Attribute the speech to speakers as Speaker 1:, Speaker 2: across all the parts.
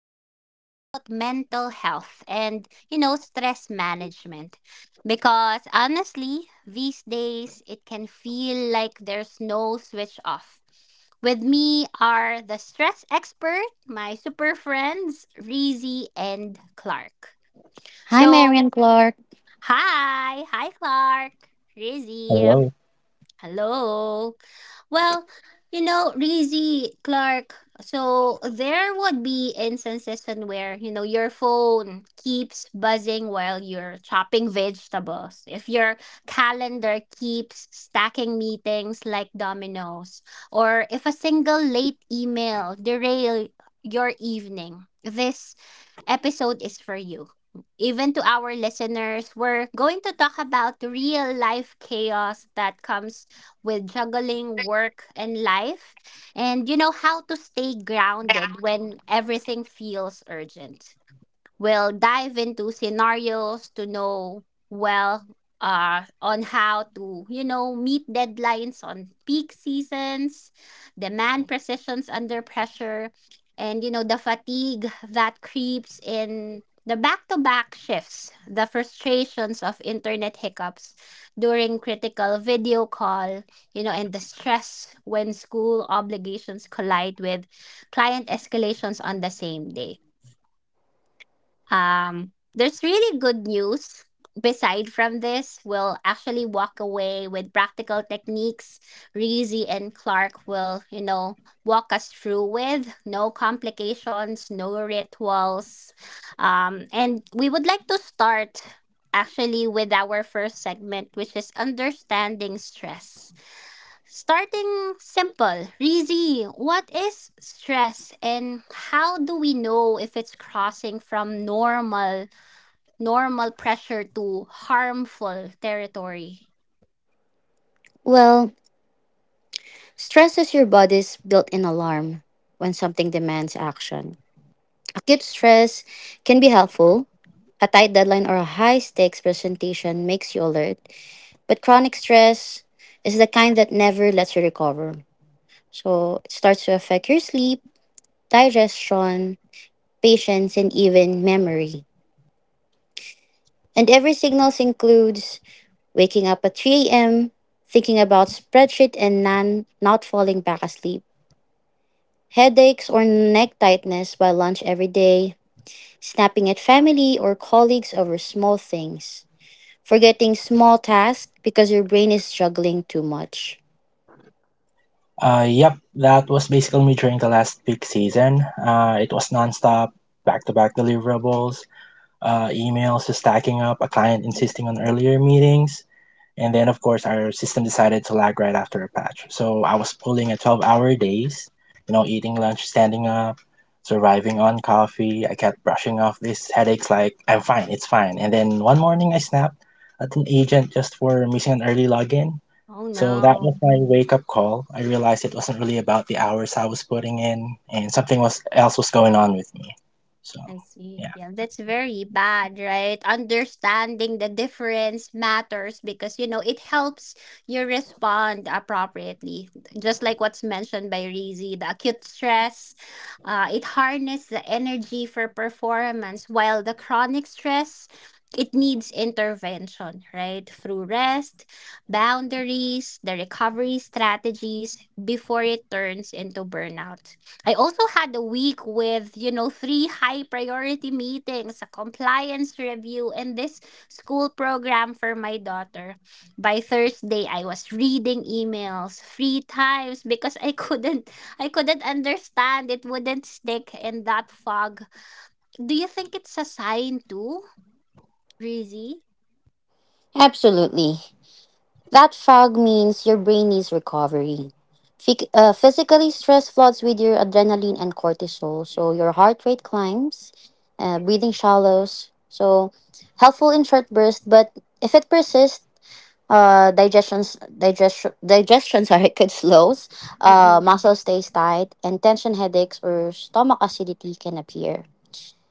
Speaker 1: we're talking about mental health and, stress management. Because honestly, these days, it can feel like there's no switch off. With me are the stress expert, my super friends, Rizzy and Clark.
Speaker 2: Hi,
Speaker 1: So,
Speaker 2: Marian Clark.
Speaker 1: Hi. Hi, Clark. Rizzy.
Speaker 3: Hello.
Speaker 1: Hello. Well, Rizzy Clark, so there would be instances in where, your phone keeps buzzing while you're chopping vegetables. If your calendar keeps stacking meetings like dominoes, or if a single late email derail your evening. This episode is for you. Even to our listeners, we're going to talk about real life chaos that comes with juggling work and life, and you know how to stay grounded when everything feels urgent. We'll dive into scenarios to know well on how to, meet deadlines on peak seasons, demand precisions under pressure, and, the fatigue that creeps in the back to back shifts, the frustrations of internet hiccups during critical video call, and the stress when school obligations collide with client escalations on the same day. There's really good news. Beside from this, we'll actually walk away with practical techniques. Reezy and Clark will, walk us through with no complications, no rituals. And we would like to start actually with our first segment, which is understanding stress. Starting simple, Rizy, what is stress and how do we know if it's crossing from normal pressure to harmful territory?
Speaker 2: Well, Stress is your body's built in alarm when something demands action. Acute stress can be helpful. A tight deadline or a high stakes presentation makes you alert, but chronic stress is the kind that never lets you recover. So it starts to affect your sleep, digestion, patience, and even memory. And every signals includes waking up at 3 a.m., thinking about spreadsheet and not falling back asleep, headaches or neck tightness by lunch every day, snapping at family or colleagues over small things, forgetting small tasks because your brain is struggling too much.
Speaker 3: Yep, that was basically me during the last peak season. It was nonstop, back-to-back deliverables, emails just stacking up, a client insisting on earlier meetings. And then, of course, our system decided to lag right after a patch. So I was pulling a 12-hour hour days, eating lunch, standing up, surviving on coffee. I kept brushing off these headaches like, I'm fine, it's fine. And then one morning I snapped at an agent just for missing an early login.
Speaker 1: Oh
Speaker 3: So that
Speaker 1: no.
Speaker 3: was my wake up call. I realized it wasn't really about the hours I was putting in, and something was else was going on with me. So
Speaker 1: I see.
Speaker 3: yeah.
Speaker 1: Yeah, that's very bad, right? Understanding the difference matters because you know it helps you respond appropriately. Just like what's mentioned by Rizy, the acute stress, it harnesses the energy for performance, while the chronic stress, it needs intervention, right? Through rest, boundaries, the recovery strategies before it turns into burnout. I also had a week with, three high priority meetings, a compliance review, and this school program for my daughter. By Thursday, I was reading emails three times because I couldn't understand. It wouldn't stick in that fog. Do you think it's a sign too, Rizzy?
Speaker 2: Absolutely. That fog means your brain needs recovery. Physically, stress floods with your adrenaline and cortisol, so your heart rate climbs, breathing shallows. So, helpful in short bursts, but if it persists, digestion sorry could slows. Muscle stays tight and tension headaches or stomach acidity can appear.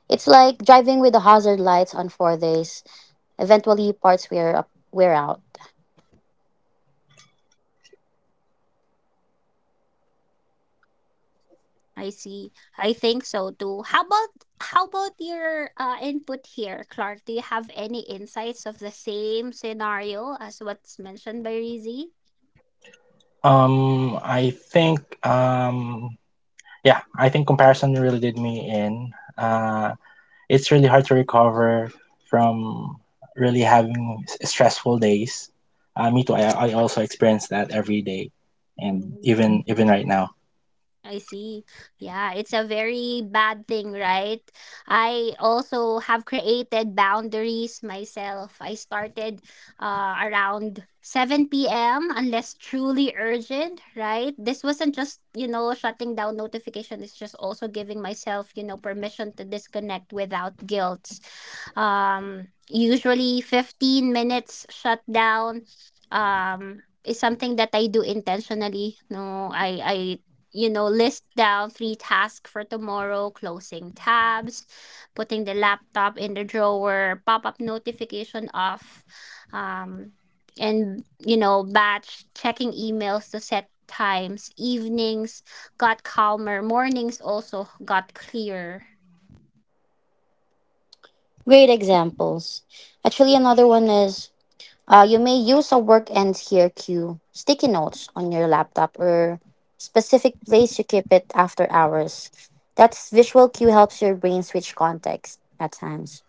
Speaker 2: It's like driving with the hazard lights on for days. Eventually parts wear out.
Speaker 1: I see. I think so too. How about your input here, Clark? Do you have any insights of the same scenario as what's mentioned by Rizzy?
Speaker 3: Um, I think um yeah, I think comparison really did me in. Uh, it's really hard to recover from really having stressful days. Me too. I also experience that every day, and even right now.
Speaker 1: I see. Yeah, it's a very bad thing, right? I also have created boundaries myself. I started around 7 p.m. unless truly urgent, right? This wasn't just, shutting down notification. It's just also giving myself, permission to disconnect without guilt. Usually 15 minutes shutdown is something that I do intentionally. No, I list down three tasks for tomorrow, closing tabs, putting the laptop in the drawer, pop up notification off, um, and, batch checking emails to set times. Evenings got calmer, mornings also got clearer.
Speaker 2: Great examples. Actually, another one is, you may use a work and here cue, sticky notes on your laptop or specific place you keep it after hours. That's visual cue helps your brain switch context at times.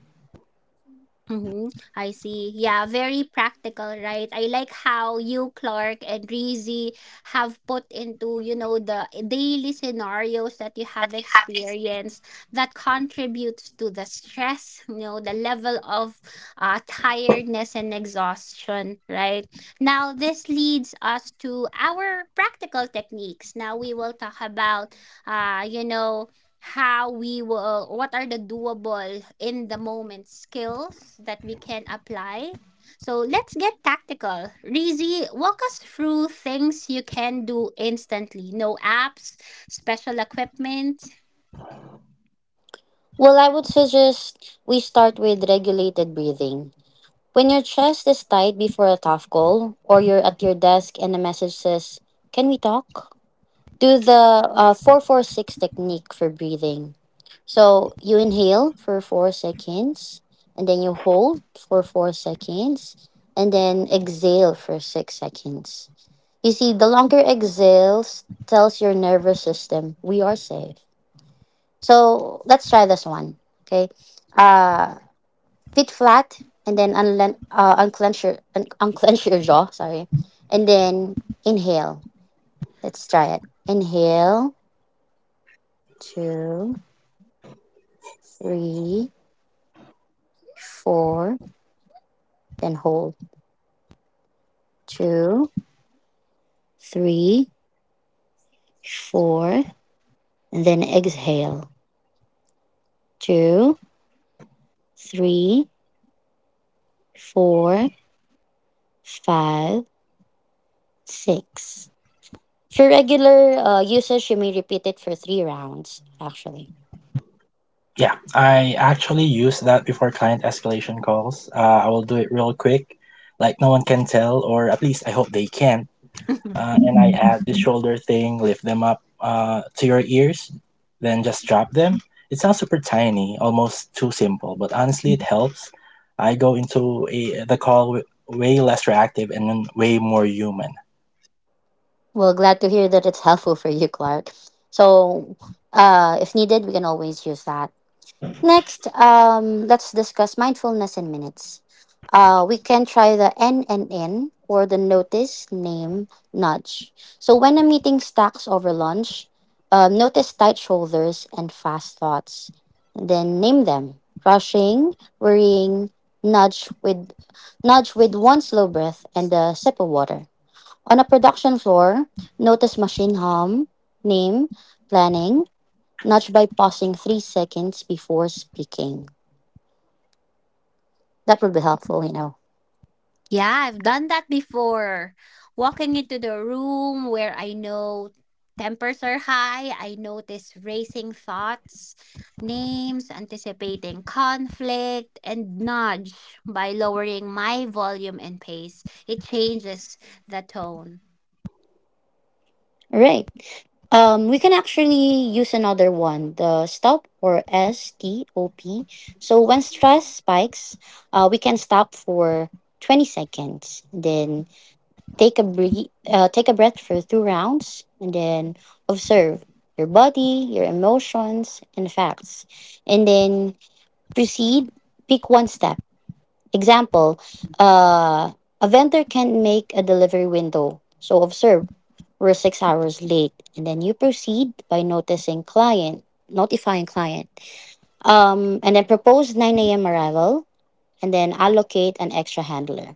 Speaker 1: Mhm, I see. Yeah, very practical, right? I like how you, Clark, and Reezy have put into, the daily scenarios that you
Speaker 2: That
Speaker 1: have
Speaker 2: you have this.
Speaker 1: experienced that contributes to the stress, the level of tiredness and exhaustion, right? Now, this leads us to our practical techniques. Now, we will talk about, you know, how we will what are the doable in the moment skills that we can apply. So let's get tactical. Rizy, walk us through things you can do instantly, no apps, special equipment.
Speaker 2: Well, I would suggest we start with regulated breathing. When your chest is tight before a tough call, or you're at your desk and a message says, "Can we talk?" Do the 446 technique for breathing. So you inhale for 4 seconds, and then you hold for 4 seconds, and then exhale for 6 seconds. You see, the longer exhales tells your nervous system, "We are safe." So let's try this one. Okay. Uh, Feet flat, and then unclench your, unclench your jaw. Sorry. And then inhale. Let's try it. Inhale. Two, three, four. Then hold. Two, three, four. And then exhale. Two, three, four, five, six. For regular usage, you may repeat it for three rounds, actually.
Speaker 3: Yeah, I actually use that before client escalation calls. I will do it real quick, like no one can tell, or at least I hope they can't. And I had this shoulder thing, lift them up to your ears, then just drop them. It sounds super tiny, almost too simple, but honestly, it helps. I go into the call way less reactive and then way more human.
Speaker 2: Well, glad to hear that it's helpful for you, Clark. So, if needed, we can always use that. Next, let's discuss mindfulness in minutes. We can try the N and N, or the notice, name, nudge. So, when a meeting stacks over lunch, notice tight shoulders and fast thoughts. And then name them, rushing, worrying, nudge with, nudge with one slow breath and a sip of water. On a production floor, notice machine hum, name, planning, nudge by pausing 3 seconds before speaking. That would be helpful, you know.
Speaker 1: Yeah, I've done that before. Walking into the room where I know tempers are high, I notice racing thoughts, names, anticipating conflict, and nudge by lowering my volume and pace. It changes the tone.
Speaker 2: All right. We can actually use another one, the stop, or STOP. So when stress spikes, we can stop for 20 seconds, then take a breath for two rounds, and then observe your body, your emotions, and facts. And then proceed, pick one step. Example, uh, a vendor can make a delivery window. So observe, we're 6 hours late, and then you proceed by notifying client, and then propose 9 a.m. arrival, and then allocate an extra handler.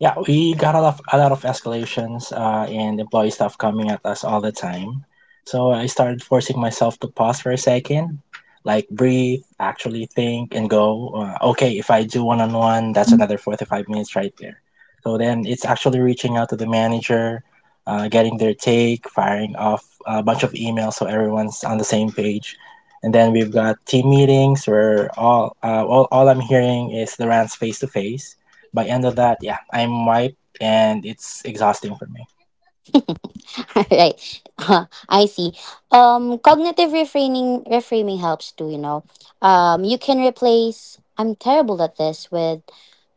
Speaker 3: Yeah, we got a lot of escalations and employee stuff coming at us all the time. So I started forcing myself to pause for a second, like breathe, actually think, and go, okay, if I do one on one, that's another 45 minutes right there. So then it's actually reaching out to the manager, getting their take, firing off a bunch of emails so everyone's on the same page. And then we've got team meetings where all I'm hearing is the rants face to face. By end of that, yeah, I'm wiped and it's exhausting for me.
Speaker 2: All right. I see. Cognitive reframing helps too. You know, you can replace "I'm terrible at this" with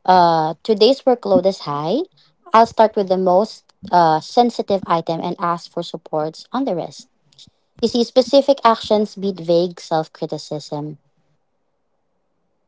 Speaker 2: "Today's workload is high. I'll start with the most sensitive item and ask for supports on the rest." You see, specific actions beat vague self criticism.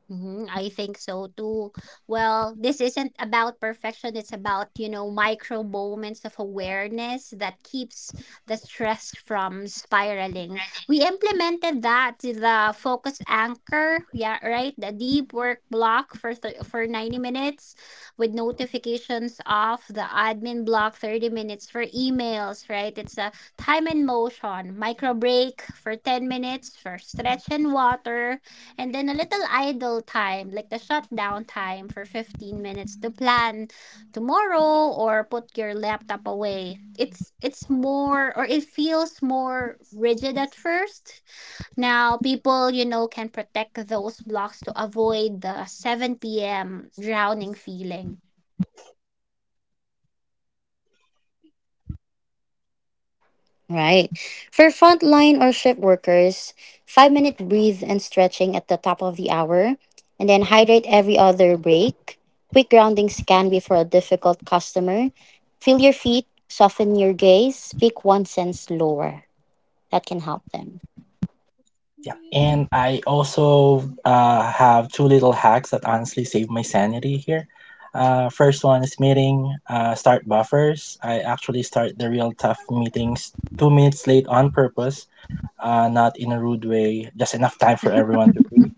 Speaker 1: Mhm, I think so too. Well, this isn't about perfection. It's about, micro moments of awareness that keeps the stress from spiraling. We implemented that to the focus anchor, yeah, right? The deep work block for for 90 minutes with notifications off, the admin block 30 minutes for emails, right? It's a time and motion, micro break for 10 minutes for stretch and water, and then a little idle time, like the shutdown time for 15 minutes to plan tomorrow or put your laptop away. It's more, or it feels more rigid at first. Now people, can protect those blocks to avoid the 7 p.m. drowning feeling.
Speaker 2: Right. For frontline or shift workers, 5 minute breathe and stretching at the top of the hour, and then hydrate every other break. Quick grounding scan before a difficult customer. Feel your feet, soften your gaze, speak one sense lower. That can help them.
Speaker 3: Yeah. And I also have two little hacks that honestly save my sanity here. First one is meeting start buffers. I actually start the real tough meetings 2 minutes late on purpose, not in a rude way, just enough time for everyone to breathe,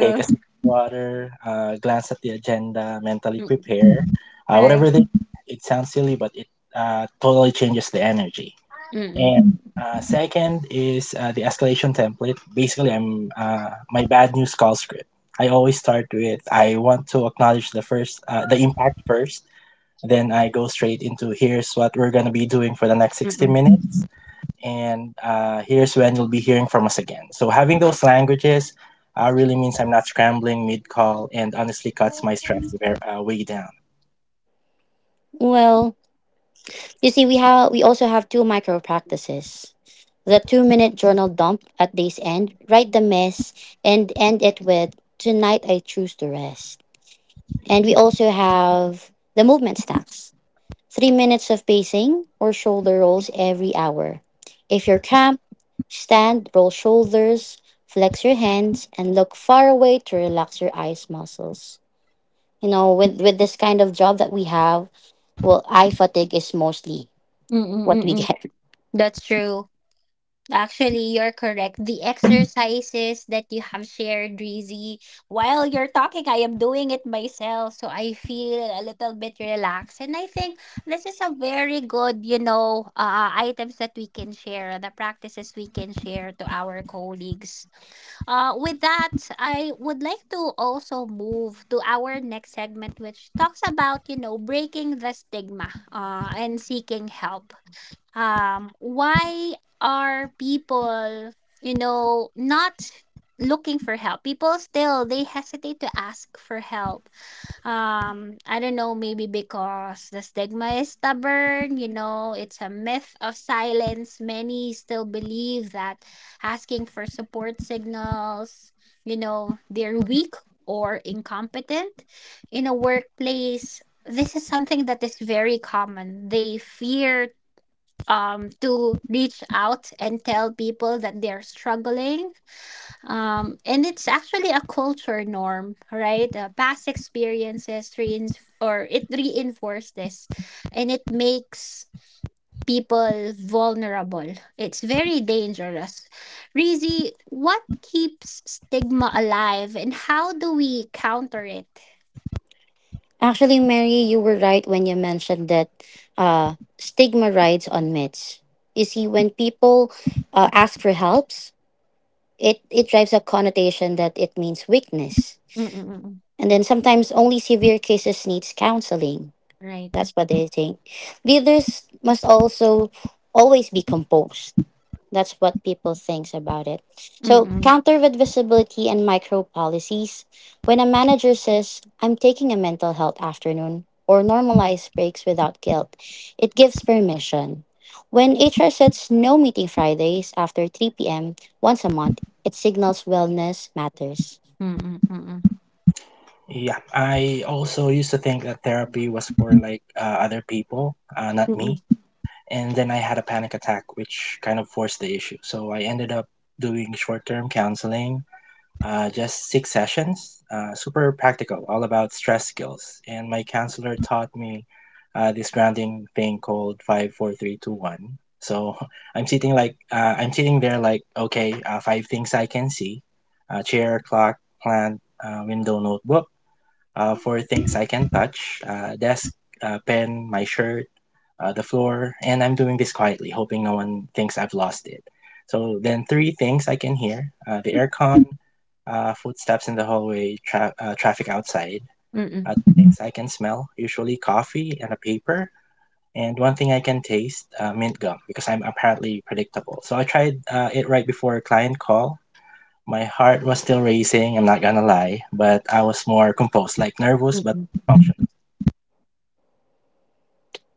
Speaker 3: take a sip of water, glance at the agenda, mentally
Speaker 1: Mm,
Speaker 3: prepare. Uh,
Speaker 1: right.
Speaker 3: whatever they, it sounds silly, but it totally changes the energy.
Speaker 1: Mm-mm,
Speaker 3: And second is the escalation template. Basically, I'm my bad news call script. I always start with I want to acknowledge the impact first. Then I go straight into here's what we're gonna be doing for the next sixty
Speaker 1: mm-mm,
Speaker 3: minutes, and here's when you'll be hearing from us again. So having those languages really means I'm not scrambling mid call, and honestly cuts my stress way down.
Speaker 2: Well, you see, we also have two micro practices. The 2 minute journal dump at day's end, write the mess, and end it with tonight I choose to rest. And we also have the movement stacks, 3 minutes of pacing or shoulder rolls every hour. If you're cramped, stand, roll shoulders, flex your hands, and look far away to relax your eyes muscles. You know, with this kind of job that we have, well, eye fatigue is mostly
Speaker 1: mm-mm,
Speaker 2: what we
Speaker 1: mm-mm.
Speaker 2: get.
Speaker 1: That's true. Actually, you're correct. The exercises that you have shared, Rizzy, while you're talking, I am doing it myself. So I feel a little bit relaxed. And I think this is a very good, items that we can share, the practices we can share to our colleagues. With that, I would like to also move to our next segment, which talks about, breaking the stigma and seeking help. Why are people, not looking for help? People still, they hesitate to ask for help. I don't know, maybe because the stigma is stubborn. You know, it's a myth of silence. Many still believe that asking for support signals, they're weak or incompetent. In a workplace, this is something that is very common. They fear to reach out and tell people that they're struggling. And it's actually a culture norm, right? Past experiences reins or it reinforces this, and it makes people vulnerable. It's very dangerous. Rizy, what keeps stigma alive, and how do we counter it?
Speaker 2: Actually, Mary, you were right when you mentioned that stigma rides on myths. You see, when people ask for help, it drives a connotation that it means weakness.
Speaker 1: Mm-mm-mm.
Speaker 2: And then sometimes only severe cases needs counseling.
Speaker 1: Right.
Speaker 2: That's what they think. Leaders must also always be composed, that's what people thinks about it. So
Speaker 1: Mm-mm.
Speaker 2: counter with visibility and micro policies. When a manager says, "I'm taking a mental health afternoon," or normalize breaks without guilt, it gives permission. When HR sets no meeting Fridays after 3 p.m. once a month, it signals wellness matters.
Speaker 1: Mm-mm. Mm-mm.
Speaker 3: Yeah, I also used to think that therapy was for like other people, not
Speaker 1: Mm-mm.
Speaker 3: me. And then I had a panic attack, which kind of forced the issue. So I ended up doing short term counseling, just six sessions, super practical, all about stress skills. And my counselor taught me this grounding thing called five, four, three, two, one. So I'm sitting there like okay, five things I can see: chair, clock, plant, window, notebook, for things I can touch, desk, pen, my shirt, the floor, and I'm doing this quietly, hoping no one thinks I've lost it. So then, three things I can hear, the aircon, footsteps in the hallway, traffic outside, things I can smell, usually coffee and a paper. And one thing I can taste, mint gum, because I'm apparently predictable. So I tried it right before a client call, my heart was still racing, I'm not gonna lie, but I was more composed, like nervous but functional.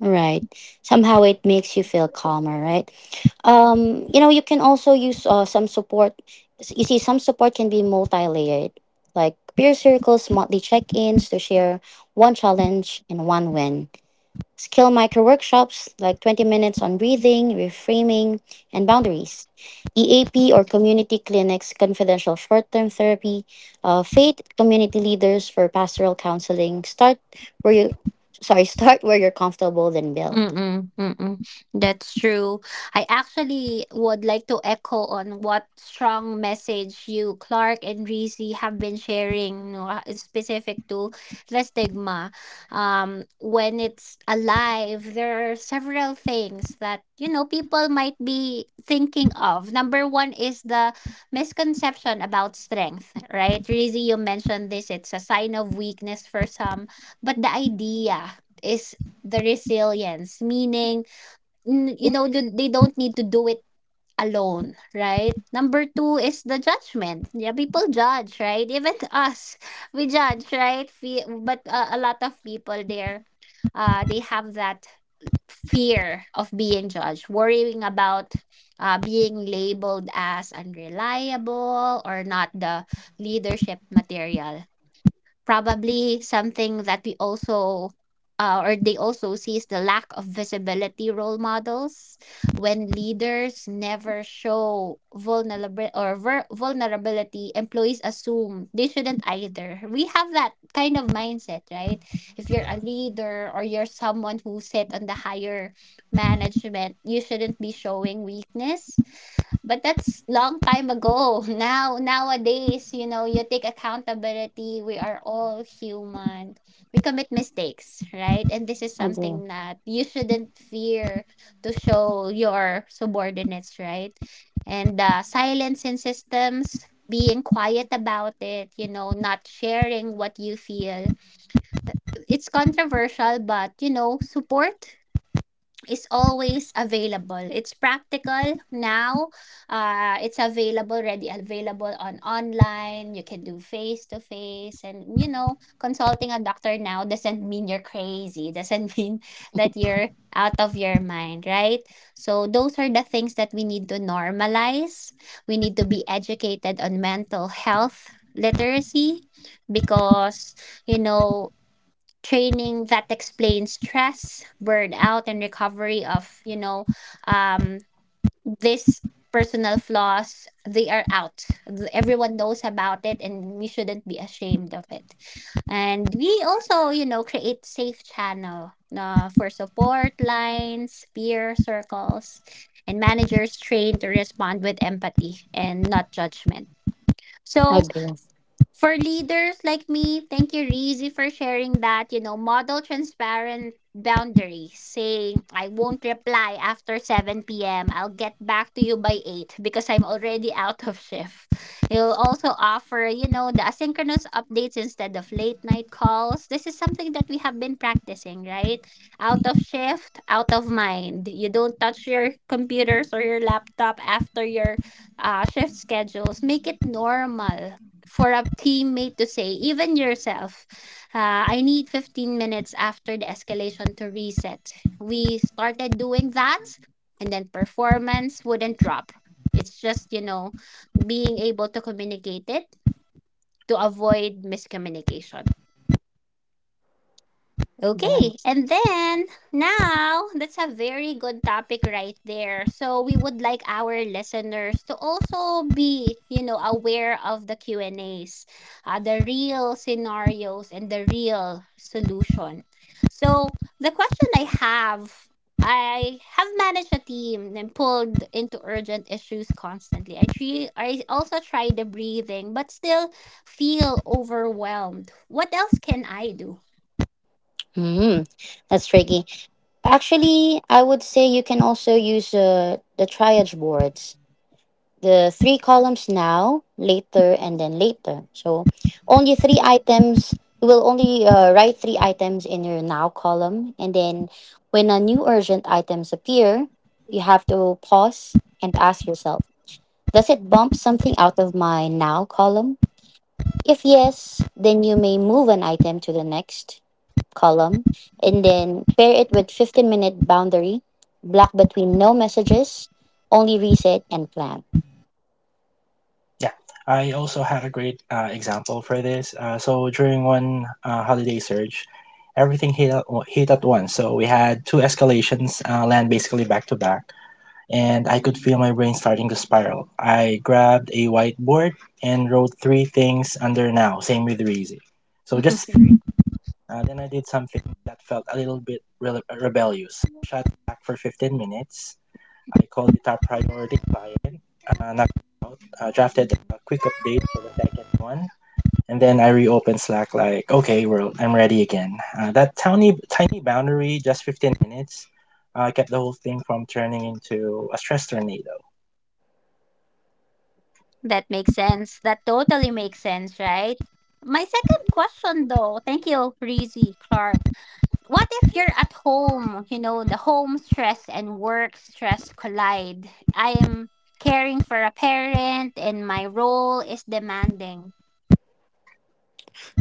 Speaker 2: Right. Somehow it makes you feel calmer, right? You know, you can also use some support. You see, some support can be multi-layered, like peer circles, monthly check-ins to share one challenge and one win. Skill micro workshops like 20 minutes on breathing, reframing, and boundaries. EAP or community clinics, confidential short term therapy, faith community leaders for pastoral counseling. Start where you, sorry, start where you're comfortable, then build.
Speaker 1: Mm-mm, mm-mm. That's true. I actually would like to echo on what strong message you, Clark, and Reese have been sharing, no, is specific to the stigma. When it's alive, there are several things that, people might be thinking of. Number one is the misconception about strength, right? Reese, you mentioned this, it's a sign of weakness for some, but the idea. Is the resilience, meaning, you know, they don't need to do it alone, right? Number two is the judgment. Yeah, people judge, right? Even us, we judge, right? But a lot of people there, they have that fear of being judged, worrying about being labeled as unreliable or not the leadership material. Probably something that we also or they also see is the lack of visibility role models. When leaders never show vulnerability or vulnerability, employees assume they shouldn't either. We have that kind of mindset, right? If you're a leader or you're someone who sit on the higher management, you shouldn't be showing weakness. But that's long time ago. Now nowadays, you know, you take accountability. We are all human. We commit mistakes, right? And this is
Speaker 2: Okay.
Speaker 1: something that you shouldn't fear to show your subordinates, right? And silence in systems, being quiet about it, you know, not sharing what you feel. uh, It's controversial, but you know, support is always available. It's practical now. It's available, already available on online. You can do face to face, and you know, consulting a doctor now doesn't mean you're crazy. Doesn't mean that you're out of your mind, right? So those are the things that we need to normalize. We need to be educated on mental health literacy because you know training that explains stress, burnout, and recovery of, um, this personal flaws. They are out. Everyone knows about it, and we shouldn't be ashamed of it. And we also, create safe channel for support lines, peer circles, and managers trained to respond with empathy and not judgment. So
Speaker 2: Okay.
Speaker 1: for leaders like me, thank you, Reezy, for sharing that. You know, model transparent boundaries, saying, I won't reply after 7 p.m. I'll get back to you by 8 because I'm already out of shift. You'll also offer, the asynchronous updates instead of late night calls. This is something that we have been practicing, right? Out of shift, out of mind. You don't touch your computers or your laptop after your shift schedules. Make it normal for a teammate to say, even yourself, I need 15 minutes after the escalation to reset. We started doing that, and then performance wouldn't drop. It's just, being able to communicate it to avoid miscommunication.
Speaker 2: Um,
Speaker 1: Okay, and then now that's a very good topic right there. So we would like our listeners to also be, aware of the Q and A's, the real scenarios and the real solution. So the question I have managed a team and pulled into urgent issues constantly. I also try the breathing, but still feel overwhelmed. What else can I do?
Speaker 2: Mm, that's tricky. Actually, I would say you can also use the triage boards. The three columns, now, later, and then later. So only three items. You will only write three items in your now column, and then when a new urgent items appear, you have to pause and ask yourself, does it bump something out of my now column? If yes, then you may move an item to the next column, and then pair it with 15-minute boundary block between no messages, only reset and plan.
Speaker 3: Yeah, I also had a great example for this. So during one holiday surge, everything hit at once. So we had two escalations land basically back to back, and I could feel my brain starting to spiral. I grabbed a whiteboard and wrote three things under now, same with Reezy. So just Then I did something that felt a little bit rebellious. Shut back for 15 minutes. I called it a priority client, knocked out, drafted a quick update for the second one, and then I reopened Slack like, okay, world, I'm ready again. That tiny, tiny boundary, just 15 minutes, kept the whole thing from turning into a stress tornado.
Speaker 1: That makes sense. That totally makes sense, right? My second question, though, thank you, Breezy Clark. What if you're at home, you know, the home stress and work stress collide? I am caring for a parent and my role is demanding.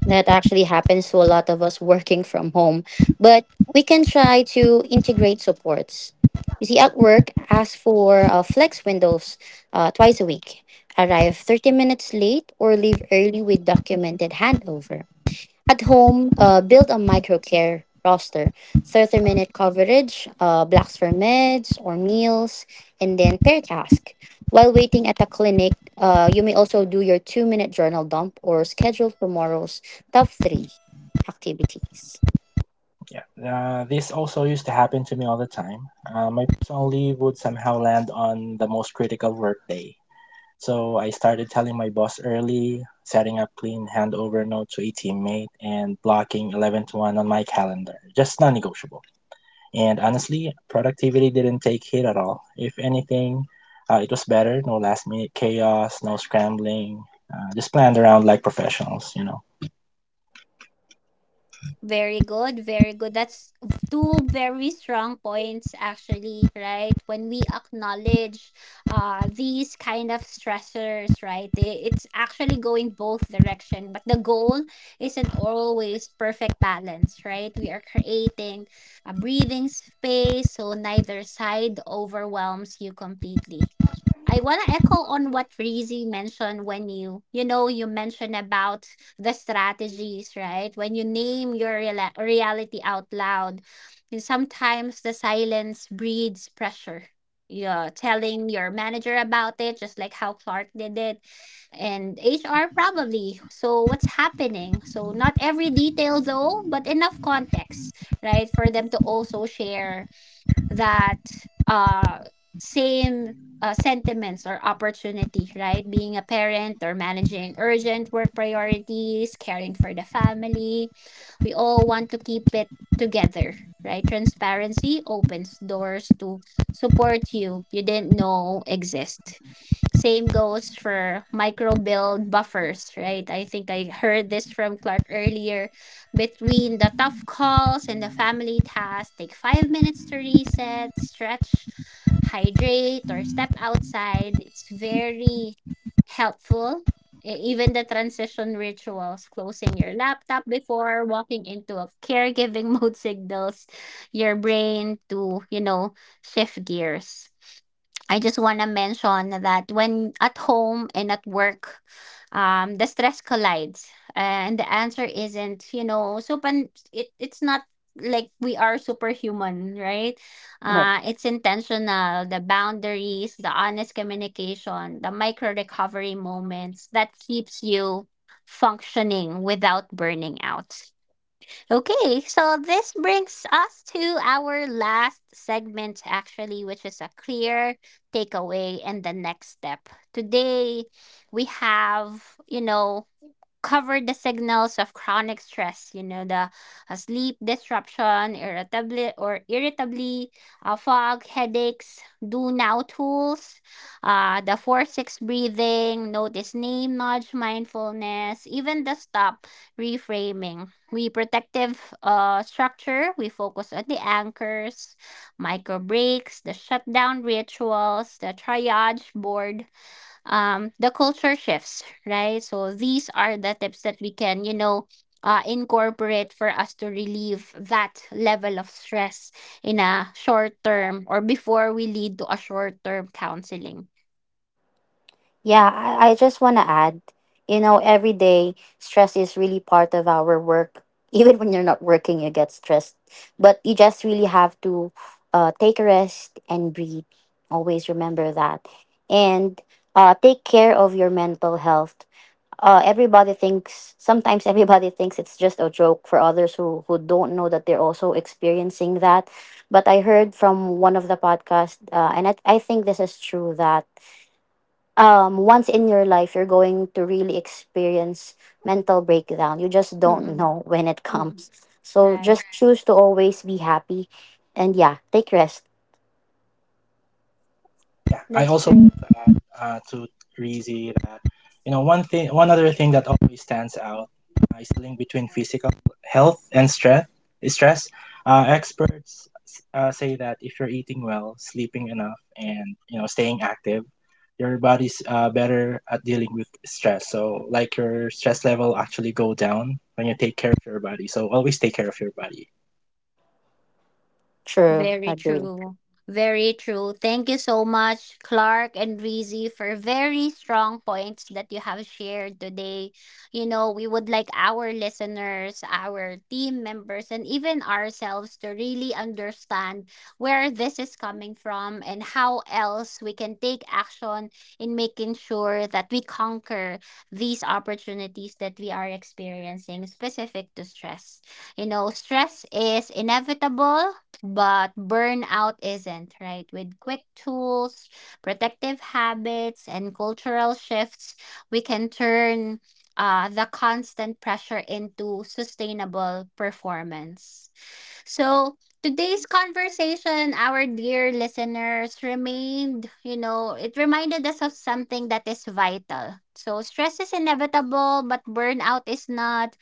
Speaker 2: That actually happens to a lot of us working from home, but we can try to integrate supports. You see, at work, ask for flex windows, twice a week, arrive 30 minutes late or leave early with documented handover. At home, build a microcare roster, 30-minute coverage, blocks for meds or meals, and then pair task. While waiting at the clinic, you may also do your 2 minute journal dump or schedule tomorrow's top three activities.
Speaker 3: Yeah. This also used to happen to me all the time. My personal leave would somehow land on the most critical workday. So I started telling my boss early, setting up clean handover note to a teammate, and blocking 11 to 1 on my calendar. Just non negotiable. And honestly, productivity didn't take hit at all. If anything, it was better. No last minute chaos, no scrambling, just planned around like professionals, you know.
Speaker 1: Very good, very good. That's two very strong points, actually, right? When we acknowledge these kind of stressors, right? It's actually going both direction, but the goal isn't always perfect balance, right? We are creating a breathing space so neither side overwhelms you completely. I want to echo on what Rizzy mentioned when you mentioned about the strategies, right? When you name your reality out loud, and sometimes the silence breeds pressure. You're telling your manager about it, just like how Clark did it, and HR probably. So what's happening? So, not every detail though, but enough context, right? For them to also share that uh same sentiments or opportunity, right? Being a parent or managing urgent work priorities, caring for the family, we all want to keep it together, right? Transparency opens doors to support you didn't know exist. Same goes for micro build buffers, right? I think I heard this from Clark earlier. Between the tough calls and the family tasks, take 5 minutes to reset, stretch, hydrate, or step outside. It's very helpful. Even the transition rituals, closing your laptop before walking into a caregiving mode, signals your brain to, you know, shift gears. I just want to mention that when at home and at work, the stress collides, and the answer isn't, you know, super. It's not like we are superhuman, right? It's intentional, the boundaries, the honest communication, the micro recovery moments that keeps you functioning without burning out. Okay, so this brings us to our last segment actually, which is a clear takeaway and the next step. Today we have, you know, cover the signals of chronic stress, you know, the sleep disruption, irritably or irritably, fog, headaches, do now tools, the 4-6 breathing, notice name nudge, mindfulness, even the stop reframing. We protective structure, we focus on the anchors, micro breaks, the shutdown rituals, the triage board, the culture shifts, right? So these are the tips that we can, you know, incorporate for us to relieve that level of stress in a short term, or before we lead to a short term counseling.
Speaker 2: I just want to add, you know, every day stress is really part of our work. Even when you're not working, you get stressed. But you just really have to take a rest and breathe. Always remember that. And take care of your mental health. Everybody thinks, sometimes everybody thinks it's just a joke for others who don't know that they're also experiencing that. But I heard from one of the podcast, I think this is true, that once in your life you're going to really experience mental breakdown, you just don't
Speaker 1: Mm-mm,
Speaker 2: know when it
Speaker 1: mm-mm,
Speaker 2: comes. So
Speaker 1: right.
Speaker 2: just choose to always be happy, and yeah, take rest.
Speaker 3: Yeah, I
Speaker 1: That's
Speaker 3: also want
Speaker 1: true.
Speaker 3: to add to Rizzy that you know one other thing that always stands out is the link between physical health and stress. Stress. Experts say that if you're eating well, sleeping enough, and you know staying active, your body's better at dealing with stress. So like your stress level actually go down when you take care of your body. So always take care of your body.
Speaker 2: True.
Speaker 1: Very
Speaker 2: Agree.
Speaker 1: true. Very true. Thank you so much, Clark and Breezy, for very strong points that you have shared today. You know, we would like our listeners, our team members, and even ourselves to really understand where this is coming from and how else we can take action in making sure that we conquer these opportunities that we are experiencing specific to stress. You know, stress is inevitable but burnout isn't, right? With quick tools, protective habits, and cultural shifts, we can turn the constant pressure into sustainable performance. So today's conversation, our dear listeners, remained, you know, it reminded us of something that is vital. So stress is inevitable, but burnout is not.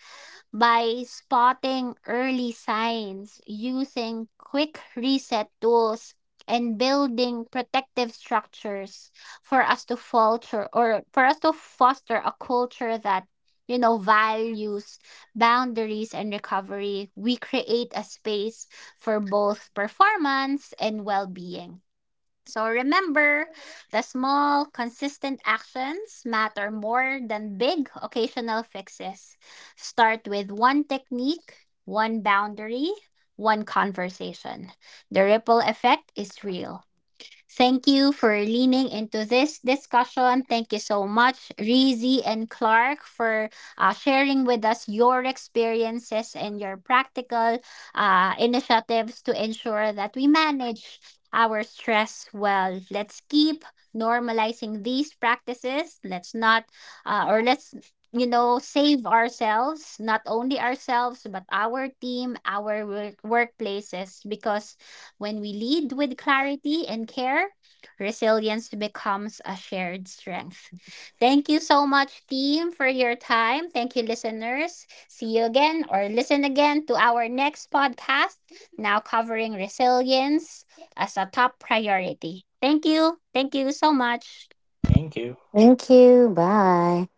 Speaker 1: By spotting early signs, using quick reset tools, and building protective structures for us to falter, or for us to foster a culture that, you know, values boundaries and recovery, we create a space for both performance and well-being. So remember, the small, consistent actions matter more than big, occasional fixes. Start with one technique, one boundary, one conversation. The ripple effect is real. Thank you for leaning into this discussion. Thank you so much, Reezy and Clark, for sharing with us your experiences and your practical initiatives to ensure that we manage our stress well. Let's keep normalizing these practices. Let's not, or let's you know save ourselves, not only ourselves but our team, our workplaces, because when we lead with clarity and care, resilience becomes a shared strength. Thank you so much, team, for your time. Thank you, listeners. See you again or listen again to our next podcast, now covering resilience as a top priority. Thank you. Thank you so much.
Speaker 3: Thank you.
Speaker 2: Thank you, bye.